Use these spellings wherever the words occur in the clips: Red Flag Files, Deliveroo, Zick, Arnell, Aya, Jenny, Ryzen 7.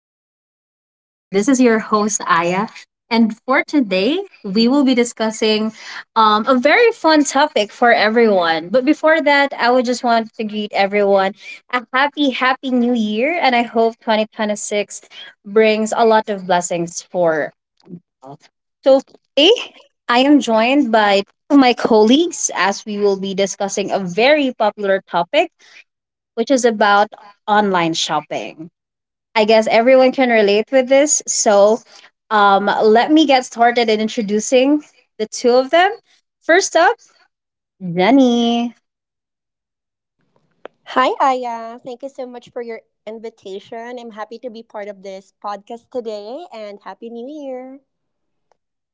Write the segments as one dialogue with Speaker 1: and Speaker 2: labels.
Speaker 1: active listeners. This is your host, Aya. And for today, we will be discussing a very fun topic for everyone. But before that, I would just want to greet everyone a happy, happy new year. And I hope 2026 brings a lot of blessings for all. So today, I am joined by two of my colleagues as we will be discussing a very popular topic, which is about online shopping. I guess everyone can relate with this. So, let me get started in introducing the two of them. First up, Jenny.
Speaker 2: Hi, Aya. Thank you so much for your invitation. I'm happy to be part of this podcast today and Happy New Year.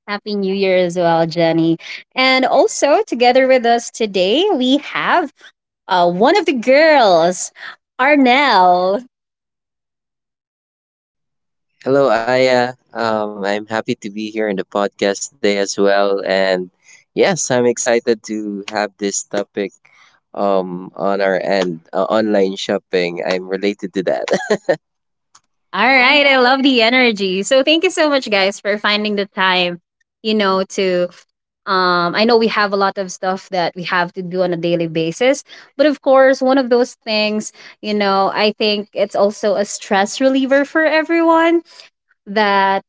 Speaker 1: Happy New Year as well, Jenny. And also, together with us today, we have one of the girls, Arnell.
Speaker 3: Hello, Aya. I'm happy to be here in the podcast today as well. And yes, I'm excited to have this topic on our end online shopping. I'm related to that.
Speaker 1: All right, I love the energy. So, thank you so much, guys, for finding the time. You know, to I know we have a lot of stuff that we have to do on a daily basis, but of course, one of those things, I think it's also a stress reliever for everyone, that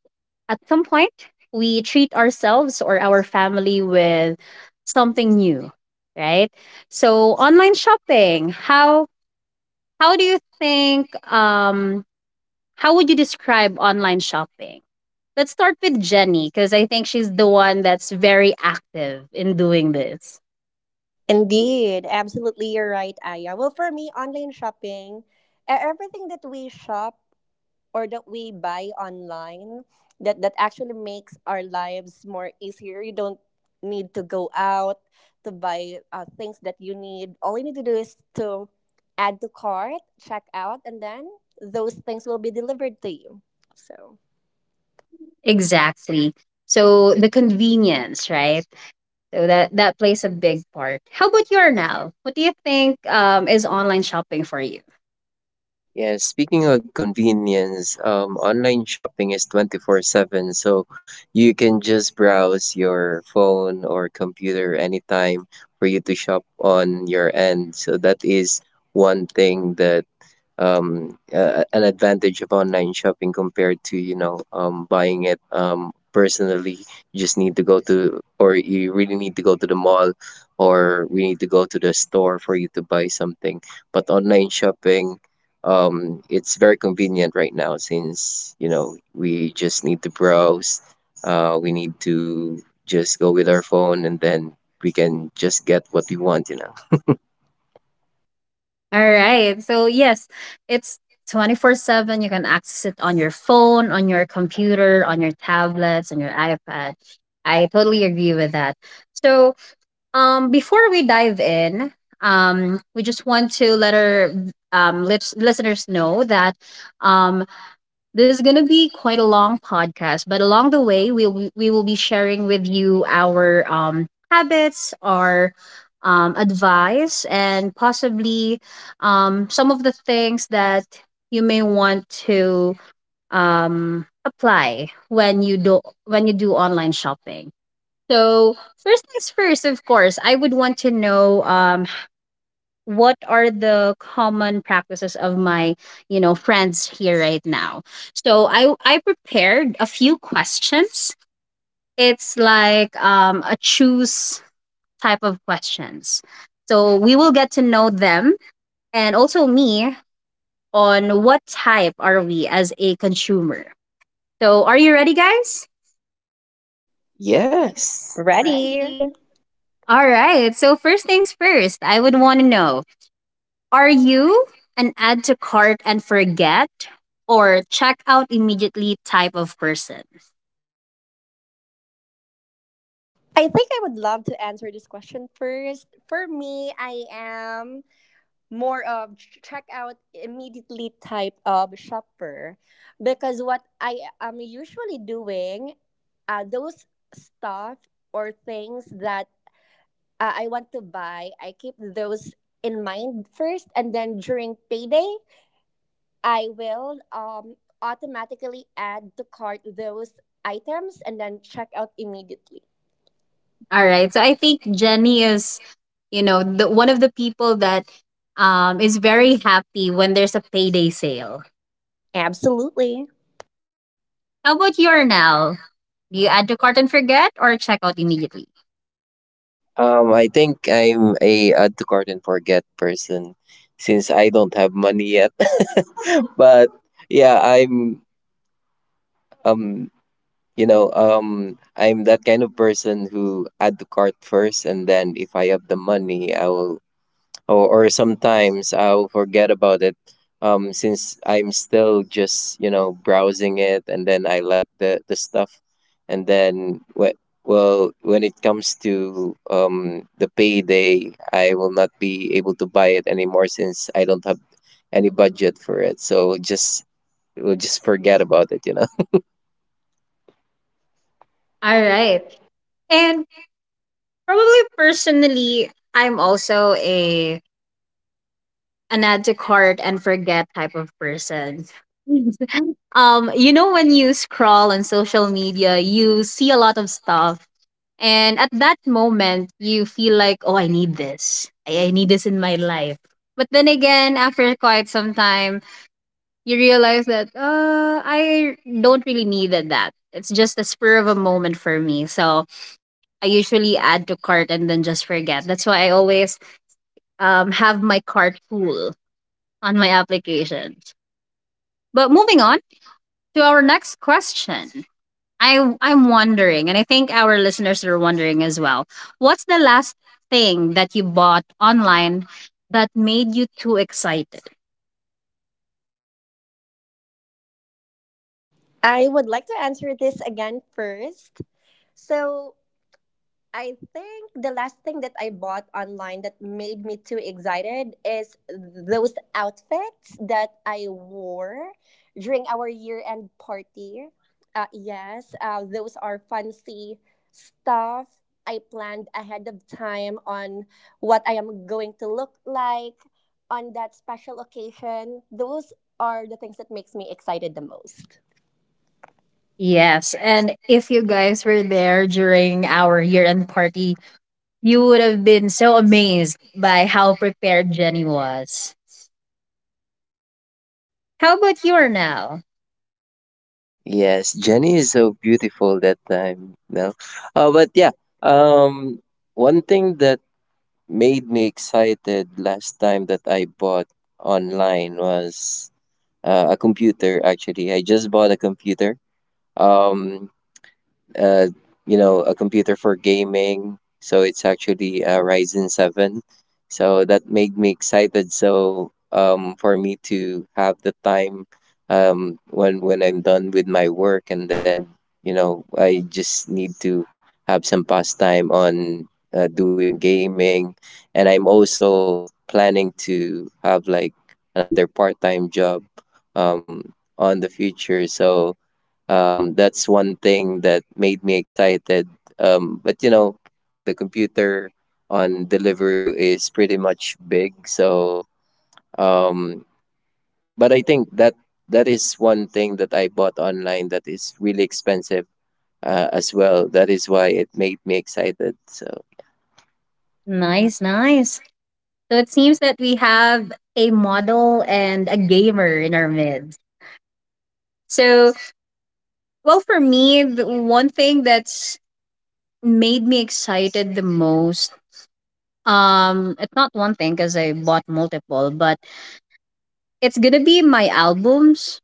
Speaker 1: at some point we treat ourselves or our family with something new, right? So, online shopping, how do you think, how would you describe online shopping? Let's start with Jenny because I think she's the one that's very active in doing this.
Speaker 2: Indeed, absolutely, you're right, Aya. Well, for me, online shopping, everything that we shop or that we buy online, that actually makes our lives more easier. You don't need to go out to buy things that you need. All you need to do is to add to cart, check out, and then those things will be delivered to you. So.
Speaker 1: Exactly. So the convenience, right? So that plays a big part. How about you now? What do you think, is online shopping for you?
Speaker 3: Yeah, speaking of convenience, online shopping is 24 7. So you can just browse your phone or computer anytime for you to shop on your end. So that is one thing that an advantage of online shopping compared to buying it personally. You just need to go to or you really need to go to the mall or we need to go to the store for you to buy something. But online shopping, it's very convenient right now, since you know we just need to browse, we need to just go with our phone, and then we can just get what we want, you know.
Speaker 1: All right. So yes, it's 24/7. You can access it on your phone, on your computer, on your tablets, on your iPad. I totally agree with that. So before we dive in, we just want to let our listeners know that um, this is going to be quite a long podcast, but along the way, we will be sharing with you our habits, our advice, and possibly some of the things that you may want to apply when you do online shopping. So first things first, of course, I would want to know what are the common practices of my friends here right now. So I prepared a few questions. It's like a choose type of questions, so we will get to know them, and also me, on what type are we as a consumer. So are you ready, guys?
Speaker 3: Yes.
Speaker 2: Ready?
Speaker 1: All right, so first things first, I would want to know. Are you an add to cart and forget or check out immediately type of person?
Speaker 2: I think I would love to answer this question first. For me, I am more of check out immediately type of shopper because what I am usually doing, those stuff or things that I want to buy, I keep those in mind first, and then during payday, I will automatically add to cart those items and then check out immediately.
Speaker 1: All right. So I think Jenny is, the one of the people that is very happy when there's a payday sale.
Speaker 2: Absolutely.
Speaker 1: How about you, now? Do you add to cart and forget or check out immediately?
Speaker 3: I think I'm a add to cart and forget person since I don't have money yet. But yeah, I'm um you know, I'm that kind of person who add to cart first, and then if I have the money I will, or sometimes I'll forget about it, since I'm still just you know browsing it and then I like the stuff. And then well, when it comes to the payday I will not be able to buy it anymore, since I don't have any budget for it, so just we'll just forget about it, you know.
Speaker 1: All right. And probably personally, I'm also a an add to cart and forget type of person. When you scroll on social media, you see a lot of stuff, and at that moment you feel like, oh, I need this. I need this in my life. But then again, after quite some time, you realize that I don't really need that. It's just a spur of a moment for me. So I usually add to cart and then just forget. That's why I always have my cart full on my applications. But moving on to our next question. I'm wondering, and I think our listeners are wondering as well, what's the last thing that you bought online that made you too excited?
Speaker 2: I would like to answer this again first. So, I think the last thing that I bought online that made me too excited is those outfits that I wore during our year end party. Yes, those are fancy stuff. I planned ahead of time on what I am going to look like on that special occasion. Those are the things that makes me excited the most.
Speaker 1: Yes, and if you guys were there during our year-end party, you would have been so amazed by how prepared Jenny was. How about you are now?
Speaker 3: Yes, Jenny is so beautiful that time, no? But yeah, um one thing that made me excited last time that I bought online was a computer, actually. I just bought a computer. Um uh, you know, a computer for gaming. So it's actually a Ryzen 7. So that made me excited. So for me to have the time when I'm done with my work, and then you know, I just need to have some pastime on doing gaming, and I'm also planning to have like another part-time job on the future. So that's one thing that made me excited. But you know, the computer on Deliveroo is pretty much big. So, um, but I think that that is one thing that I bought online that is really expensive as well. That is why it made me excited. So,
Speaker 1: Nice, nice. So it seems that we have a model and a gamer in our midst. So, well, for me, the one thing that's made me excited the most, it's not one thing because I bought multiple, but it's gonna be my albums.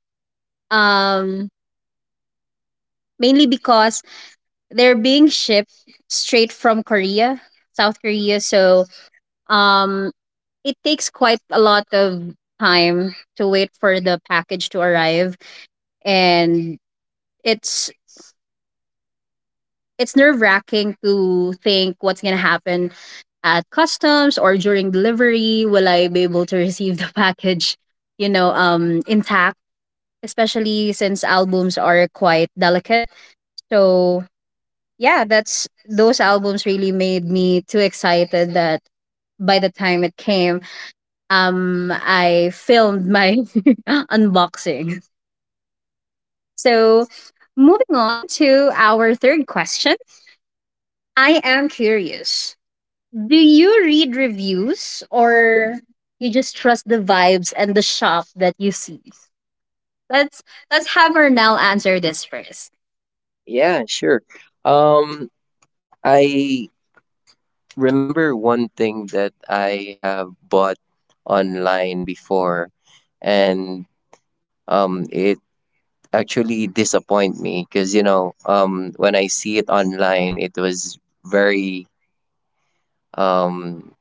Speaker 1: Um, mainly because they're being shipped straight from Korea, South Korea. So, um, it takes quite a lot of time to wait for the package to arrive, and it's it's nerve wracking to think what's gonna happen at customs or during delivery. Will I be able to receive the package, intact? Especially since albums are quite delicate. So yeah, that's those albums really made me too excited that by the time it came, I filmed my unboxing. So moving on to our third question. I am curious. Do you read reviews, or you just trust the vibes and the shop that you see? Let's let's have her now answer this first.
Speaker 3: yeah, sure. Um, I remember one thing that I have bought online before, and it actually disappoint me because you know when I see it online it was very um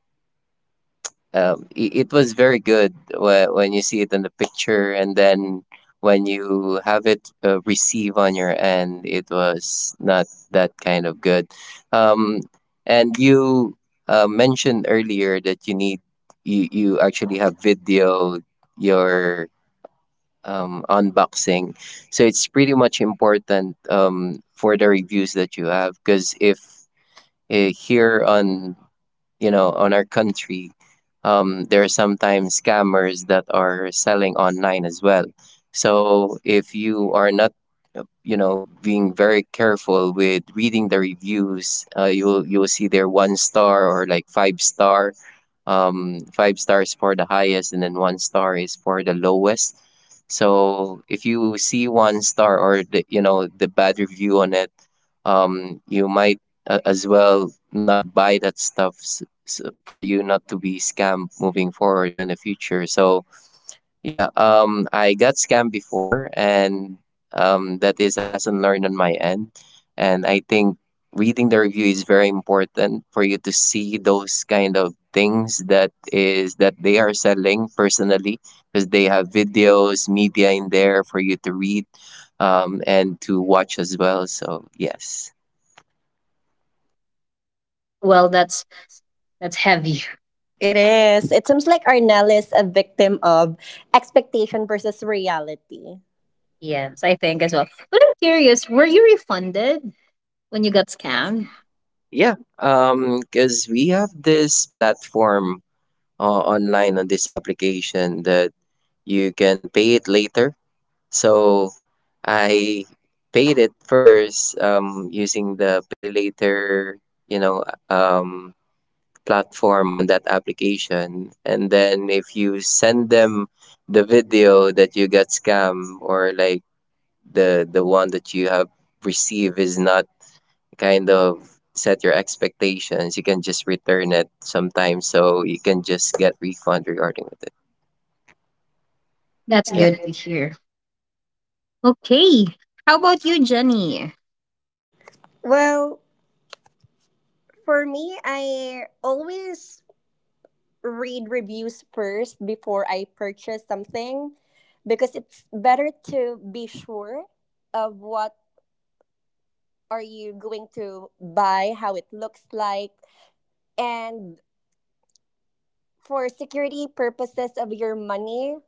Speaker 3: it was very good when you see it in the picture, and then when you have it receive on your end it was not that kind of good. um and you mentioned earlier that you need you actually have video your unboxing. So it's pretty much important for the reviews that you have, because if here on you know on our country, there are sometimes scammers that are selling online as well. So if you are not you know being very careful with reading the reviews, you'll see they're one star or like five star, five stars for the highest, and then one star is for the lowest. So if you see one star or the you know the bad review on it, you might as well not buy that stuff for you not to be scammed moving forward in the future. So yeah, I got scammed before, and that is a lesson learned on my end. And I think reading the review is very important for you to see those kind of things that is that they are selling personally, because they have videos, media in there for you to read, and to watch as well. So yes.
Speaker 1: Well, that's heavy.
Speaker 2: It is. It seems like Arnell is a victim of expectation versus reality.
Speaker 1: Yes, I think as well. But I'm curious, were you refunded when you got scammed?
Speaker 3: Yeah, because we have this platform online on this application that you can pay it later. So I paid it first using the pay later, you know, um, platform on that application. And then if you send them the video that you got scam, or like the one that you have received is not kind of set your expectations, you can just return it sometimes. So you can just get refund regarding with it.
Speaker 1: That's
Speaker 3: Yeah.
Speaker 1: good to hear. Okay. How about you, Jenny?
Speaker 2: Well, for me, I always read reviews first before I purchase something because it's better to be sure of what are you going to buy, how it looks like, and for security purposes of your money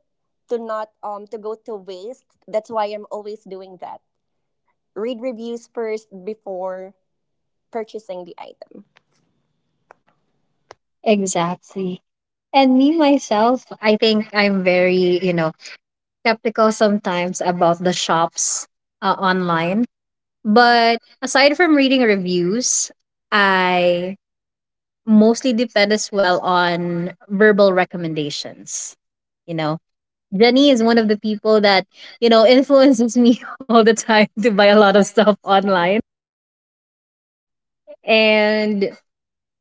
Speaker 2: to not to go to waste. That's why I'm always doing that. Read reviews first before purchasing the item.
Speaker 1: Exactly. And me myself, I think I'm very, skeptical sometimes about the shops, online. But aside from reading reviews, I mostly depend as well on verbal recommendations. You know, Jenny is one of the people that, influences me all the time to buy a lot of stuff online. And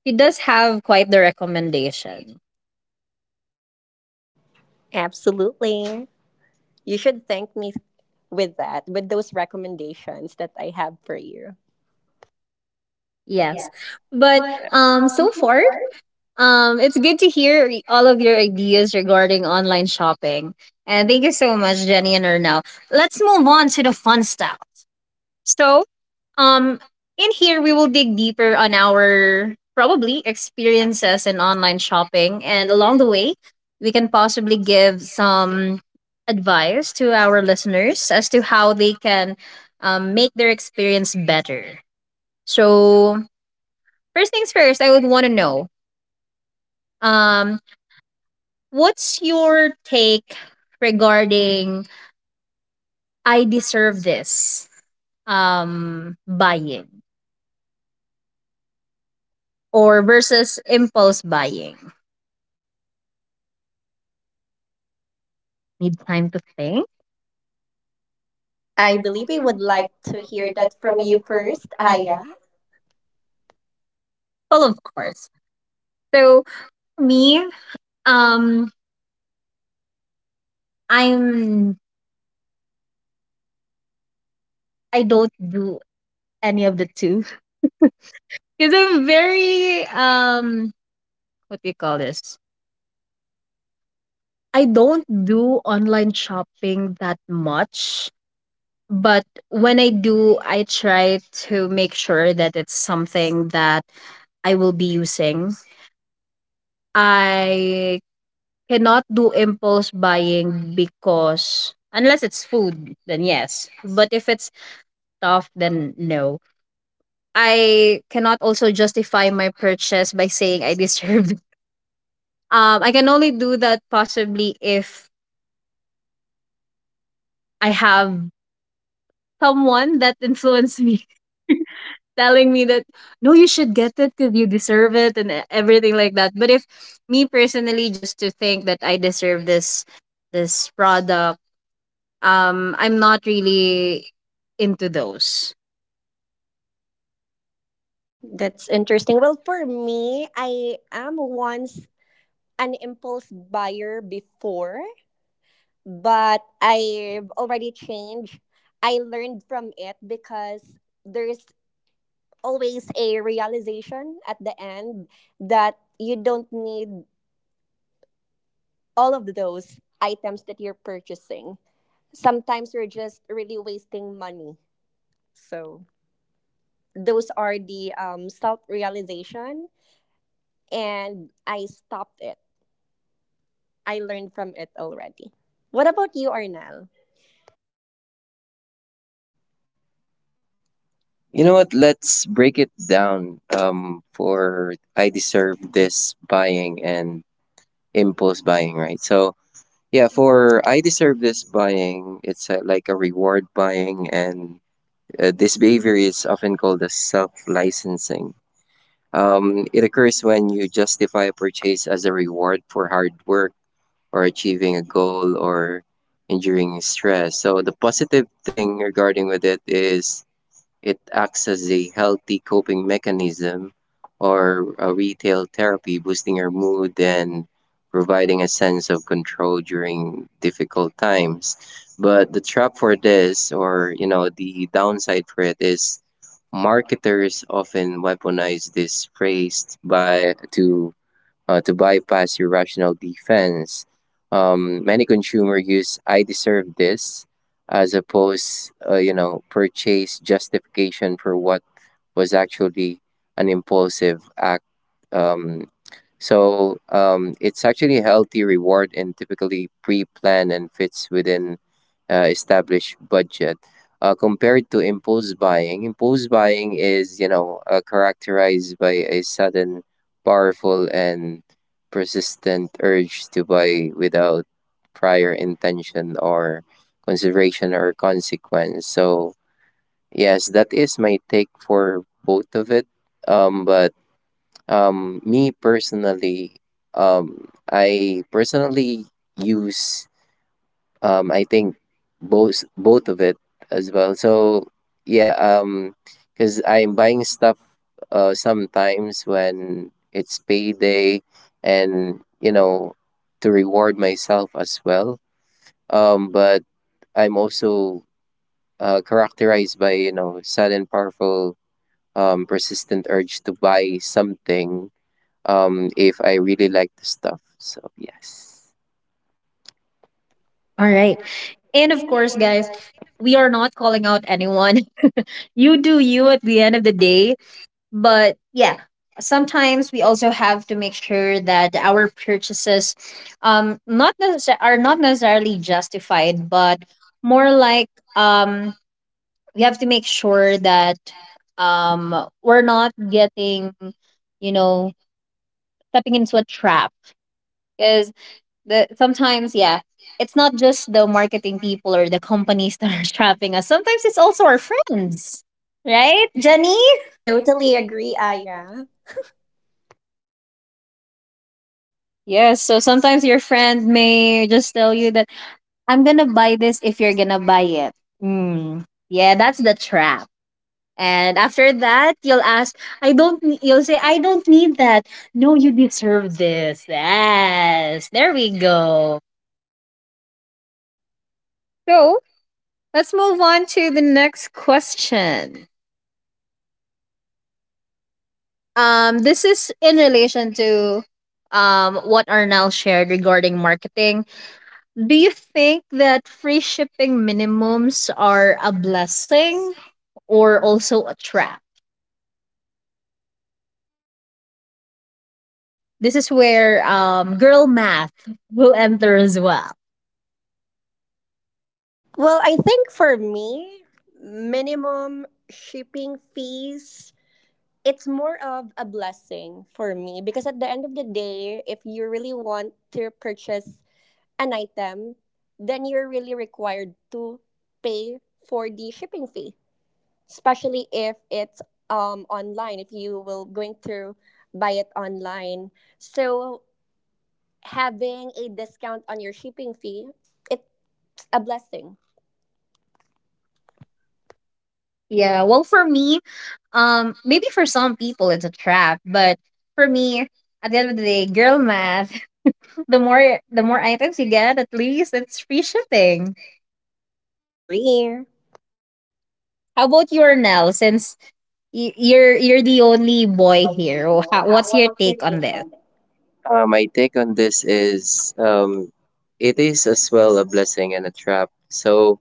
Speaker 1: she does have quite the recommendation.
Speaker 2: Absolutely. You should thank me with that, with those recommendations that I have for you.
Speaker 1: Yes. But so far, it's good to hear all of your ideas regarding online shopping. And thank you so much, Jenny and Ernell. Let's move on to the fun stuff. So, um, in here we will dig deeper on our probably experiences in online shopping, and along the way, we can possibly give some advice to our listeners as to how they can make their experience better. So, first things first, I would want to know, um, what's your take regarding "I deserve this" buying, or versus impulse buying? Need time to think?
Speaker 2: I
Speaker 1: I
Speaker 2: believe I
Speaker 1: really
Speaker 2: would
Speaker 1: would
Speaker 2: like
Speaker 1: like
Speaker 2: to
Speaker 1: to
Speaker 2: hear
Speaker 1: hear that
Speaker 2: that from
Speaker 1: from
Speaker 2: you
Speaker 1: you first.
Speaker 2: first,
Speaker 1: Ah,
Speaker 2: Aya.
Speaker 1: yeah. Well, of course. So for me, um, I'm I don't do any of the two because I'm very, what do you call this? I don't do online shopping that much, but when I do, I try to make sure that it's something that I will be using. I cannot do impulse buying because unless it's food, then yes. But if it's stuff, then no. I cannot also justify my purchase by saying I deserved it. I can only do that possibly if I have someone that influenced me, telling me that no, you should get it because you deserve it, and everything like that. But if me personally, just to think that I deserve this product, I'm not really into those.
Speaker 2: That's interesting. Well, for me, I am once an impulse buyer before, but I've already changed. I learned from it because there's always a realization at the end that you don't need all of those items that you're purchasing. Sometimes you're just really wasting money. So those are the self realization, and I stopped it. I learned from it already. What about you, Arnel?
Speaker 3: You know what? Let's break it down. For I deserve this buying and impulse buying, right? So yeah, for I deserve this buying, it's a, like a reward buying, and this behavior is often called as self licensing. It occurs when you justify a purchase as a reward for hard work, or achieving a goal, or enduring stress. So the positive thing regarding with it is it acts as a healthy coping mechanism or a retail therapy, boosting your mood and providing a sense of control during difficult times. But the trap for this, or you know, the downside for it is marketers often weaponize this phrase by to bypass your rational defense. Many consumer use "I deserve this" as opposed, you know, purchase justification for what was actually an impulsive act. Um, it's actually a healthy reward and typically pre-planned and fits within established budget. Compared to impulse buying is you know characterized by a sudden, powerful, and persistent urge to buy without prior intention or consideration or consequence. So yes, that is my take for both of it. But Me personally, I personally use I think both of it as well. So yeah, because I'm buying stuff sometimes when it's payday, and you know to reward myself as well. But I'm also characterized by you know sudden powerful persistent urge to buy something, if I really like the stuff. So yes.
Speaker 1: All right. And of course, guys, we are not calling out anyone. You do you at the end of the day. But yeah, sometimes we also have to make sure that our purchases, not necessar- are not necessarily justified, but more like, um we have to make sure that, we're not getting, you know, stepping into a trap. Because the sometimes, yeah, it's not just the marketing people or the companies that are trapping us. Sometimes it's also our friends, right, Jenny?
Speaker 2: Totally agree, Aya.
Speaker 1: Yes. So sometimes your friend may just tell you that, I'm gonna buy this if you're gonna buy it. Mm. Yeah, that's the trap. And after that, you'll ask, I don't. You'll say, I don't need that. No, you deserve this. Yes. There we go. So let's move on to the next question. This is in relation to what Arnell shared regarding marketing. Do you think that free shipping minimums are a blessing or also a trap? This is where, girl math will enter as well.
Speaker 2: Well, I think for me, minimum shipping fees, it's more of a blessing for me because at the end of the day, if you really want to purchase an item, then you're really required to pay for the shipping fee, especially if it's online, if you will going to buy it online, so having a discount on your shipping fee it's a blessing.
Speaker 1: Yeah, well, for me, maybe for some people it's a trap, but for me, at the end of the day, girl math. The more items you get, at least it's free shipping.
Speaker 2: Agree.
Speaker 1: How about you, Nell? Since you're the only boy here, what's your take on this?
Speaker 3: My take on this is it is as well a blessing and a trap. So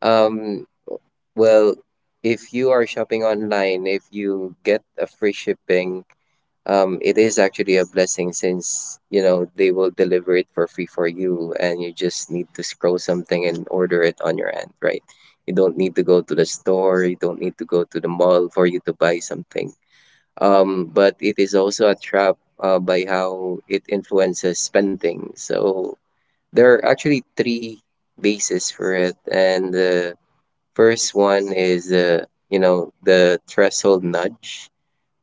Speaker 3: um, well, if you are shopping online, if you get a free shipping, it is actually a blessing since you know they will deliver it for free for you, and you just need to scroll something and order it on your end, right? You don't need to go to the store. You don't need to go to the mall for you to buy something, but it is also a trap by how it influences spending. So there are actually three bases for it, and the first one is you know the threshold nudge.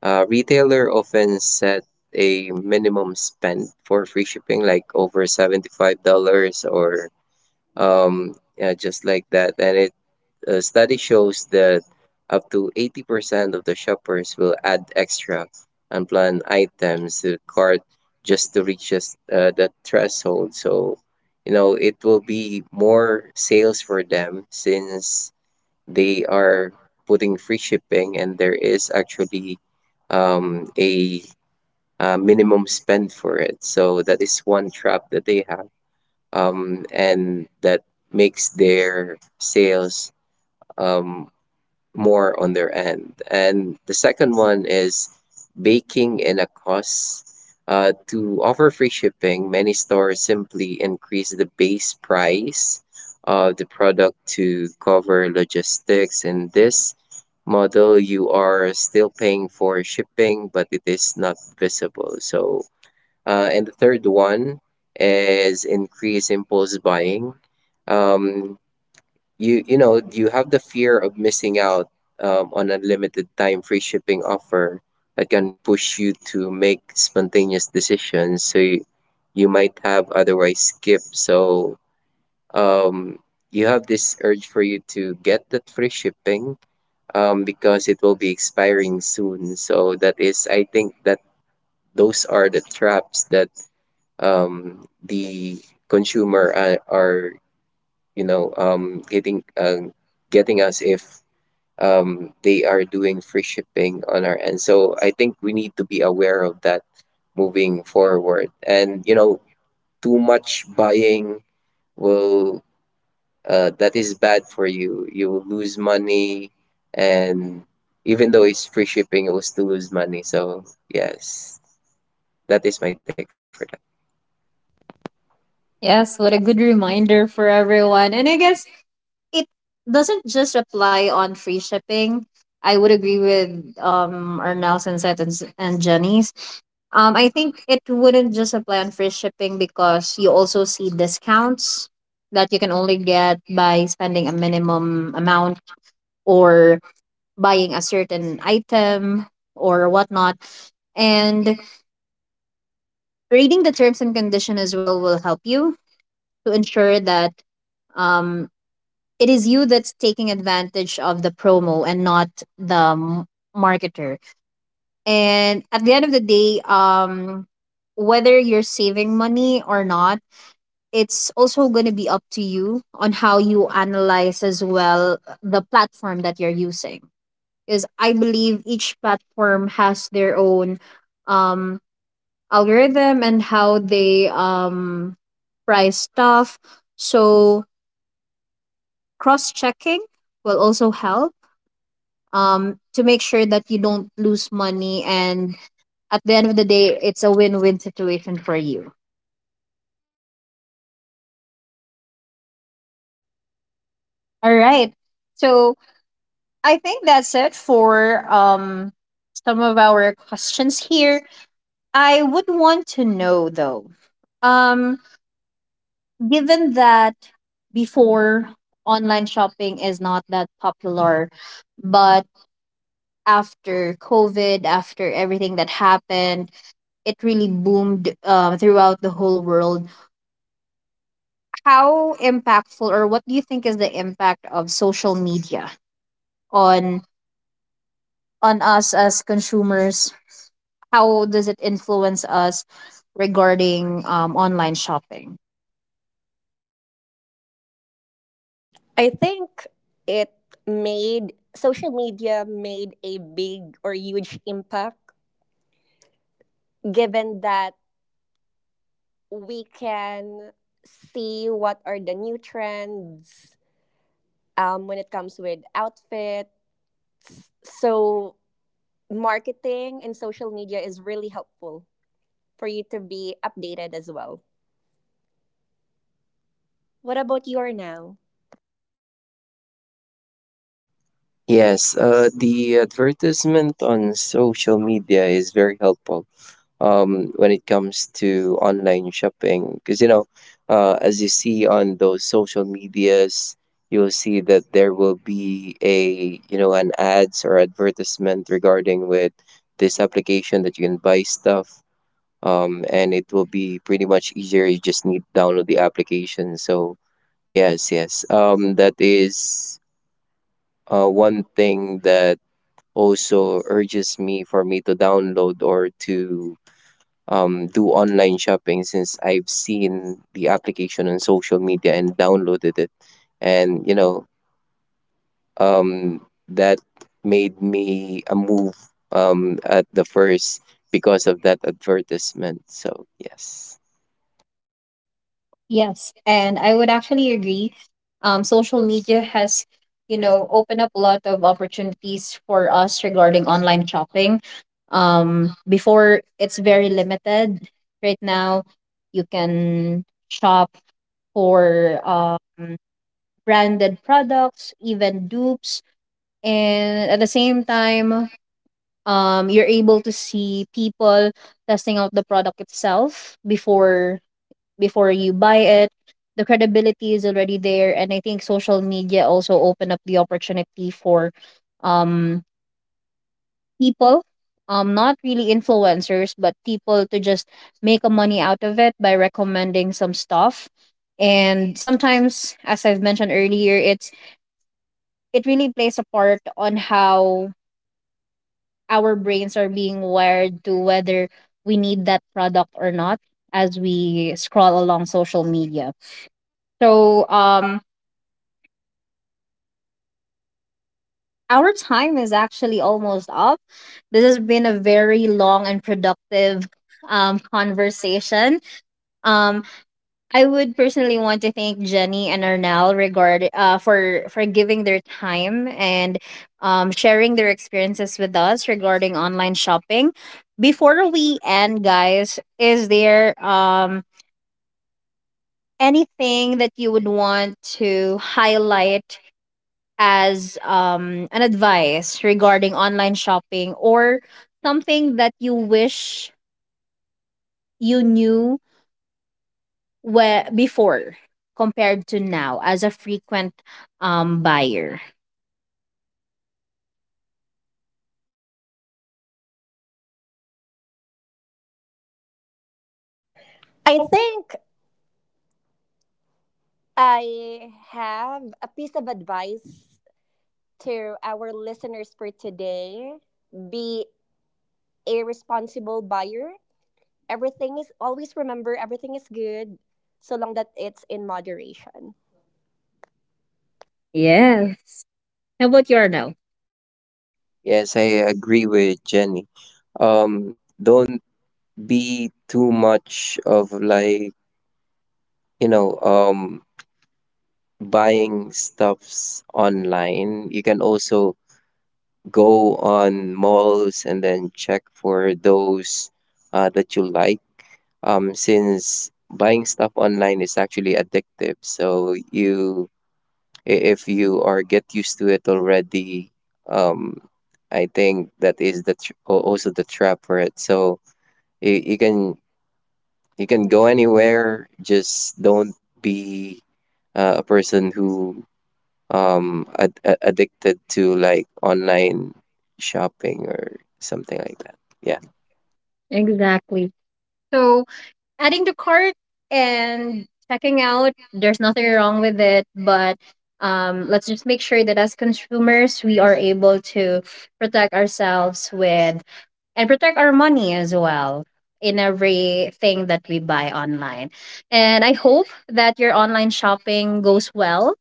Speaker 3: Retailer often set a minimum spend for free shipping, like over $75 or yeah, just like that, and it a study shows that up to 80% of the shoppers will add extra unplanned items to the cart, just to reach us, that threshold. So, you know, it will be more sales for them since they are putting free shipping and there is actually a minimum spend for it. So that is one trap that they have. And that makes their sales um, more on their end. And the second one is baking in a cost. To offer free shipping, many stores simply increase the base price of the product to cover logistics. In this model, you are still paying for shipping, but it is not visible. So, and the third one is increase impulse buying. Um, you know you have the fear of missing out on unlimited time free shipping offer that can push you to make spontaneous decisions, so you might have otherwise skipped. So um you have this urge for you to get that free shipping, because it will be expiring soon. So that is I think that those are the traps that the consumer are you know getting, getting us if they are doing free shipping on our end. So I think we need to be aware of that moving forward. And you know, too much buying will that is bad for you. You will lose money, and even though it's free shipping, it will still lose money. So yes, that is my take for that.
Speaker 1: Yes, what a good reminder for everyone. And I guess it doesn't just apply on free shipping. I would agree with, Arnell Sunset, and Jenny's. I think it wouldn't just apply on free shipping because you also see discounts that you can only get by spending a minimum amount, or buying a certain item, or whatnot. And reading the terms and condition as well will help you to ensure that, um, it is you that's taking advantage of the promo and not the marketer. And at the end of the day, whether you're saving money or not, it's also going to be up to you on how you analyze as well the platform that you're using, because I believe each platform has their own, um, algorithm, and how they, price stuff. So cross checking will also help, to make sure that you don't lose money. And at the end of the day, it's a win win situation for you. All right. So I think that's it for, some of our questions here. I would want to know though. Um, Given that before, online shopping is not that popular, but after COVID, after everything that happened, it really boomed, throughout the whole world. How impactful, or what do you think is the impact of social media on on us as consumers? How does it influence us regarding, online shopping?
Speaker 2: I think it made, social media made a big or huge impact, given that we can see what are the new trends when it comes with outfits, so marketing and social media is really helpful for you to be updated as well. What about your now?
Speaker 3: Yes, the advertisement on social media is very helpful when it comes to online shopping. Because, you know, as you see on those social medias, you'll see that there will be a, you know, an ads or advertisement regarding with this application that you can buy stuff. And it will be pretty much easier. You just need to download the application. So, yes. That is one thing that also urges me for me to download or to do online shopping, since I've seen the application on social media and downloaded it. And, you know, um, that made me a move at the first, because of that advertisement. So, yes.
Speaker 1: Yes, and I would actually agree. Social media has, opened up a lot of opportunities for us regarding online shopping. Before it's very limited. Right now, you can shop for, branded products, even dupes, and at the same time, you're able to see people testing out the product itself before you buy it. The credibility is already there, and I think social media also open up the opportunity for, um people, not really influencers, but people to just make a money out of it by recommending some stuff. And sometimes, as I've mentioned earlier, it really plays a part on how our brains are being wired to whether we need that product or not, as we scroll along social media. So our time is actually almost up. This has been a very long and productive, conversation. Um, I would personally want to thank Jenny and Arnell, regard for giving their time, and sharing their experiences with us regarding online shopping. Before we end, guys, is there, anything that you would want to highlight as, an advice regarding online shopping, or something that you wish you knew before, compared to now as a frequent, buyer?
Speaker 2: I think I have a piece of advice to our listeners for today. Be a responsible buyer. Everything is always, remember, everything is good so long that it's in moderation.
Speaker 1: Yes. How about you, Arnel?
Speaker 3: Yes, I agree with Jenny. Don't be too much of like, you know, um, buying stuffs online. You can also go on malls and then check for those that you like. Since buying stuff online is actually addictive, so if you are get used to it already, um, I think that is the also the trap for it. So you can go anywhere, just don't be a person who addicted to like online shopping or something like that. Yeah.
Speaker 1: Exactly. So adding to cart and checking out, there's nothing wrong with it, but, let's just make sure that as consumers, we are able to protect ourselves with and protect our money as well in everything that we buy online. And I hope that your online shopping goes well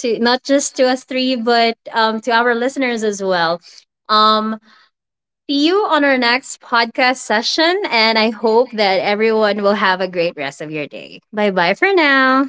Speaker 1: to not just to us three, but, to our listeners as well. Um, See you on our next podcast session, and I hope that everyone will have a great rest of your day. Bye bye for now.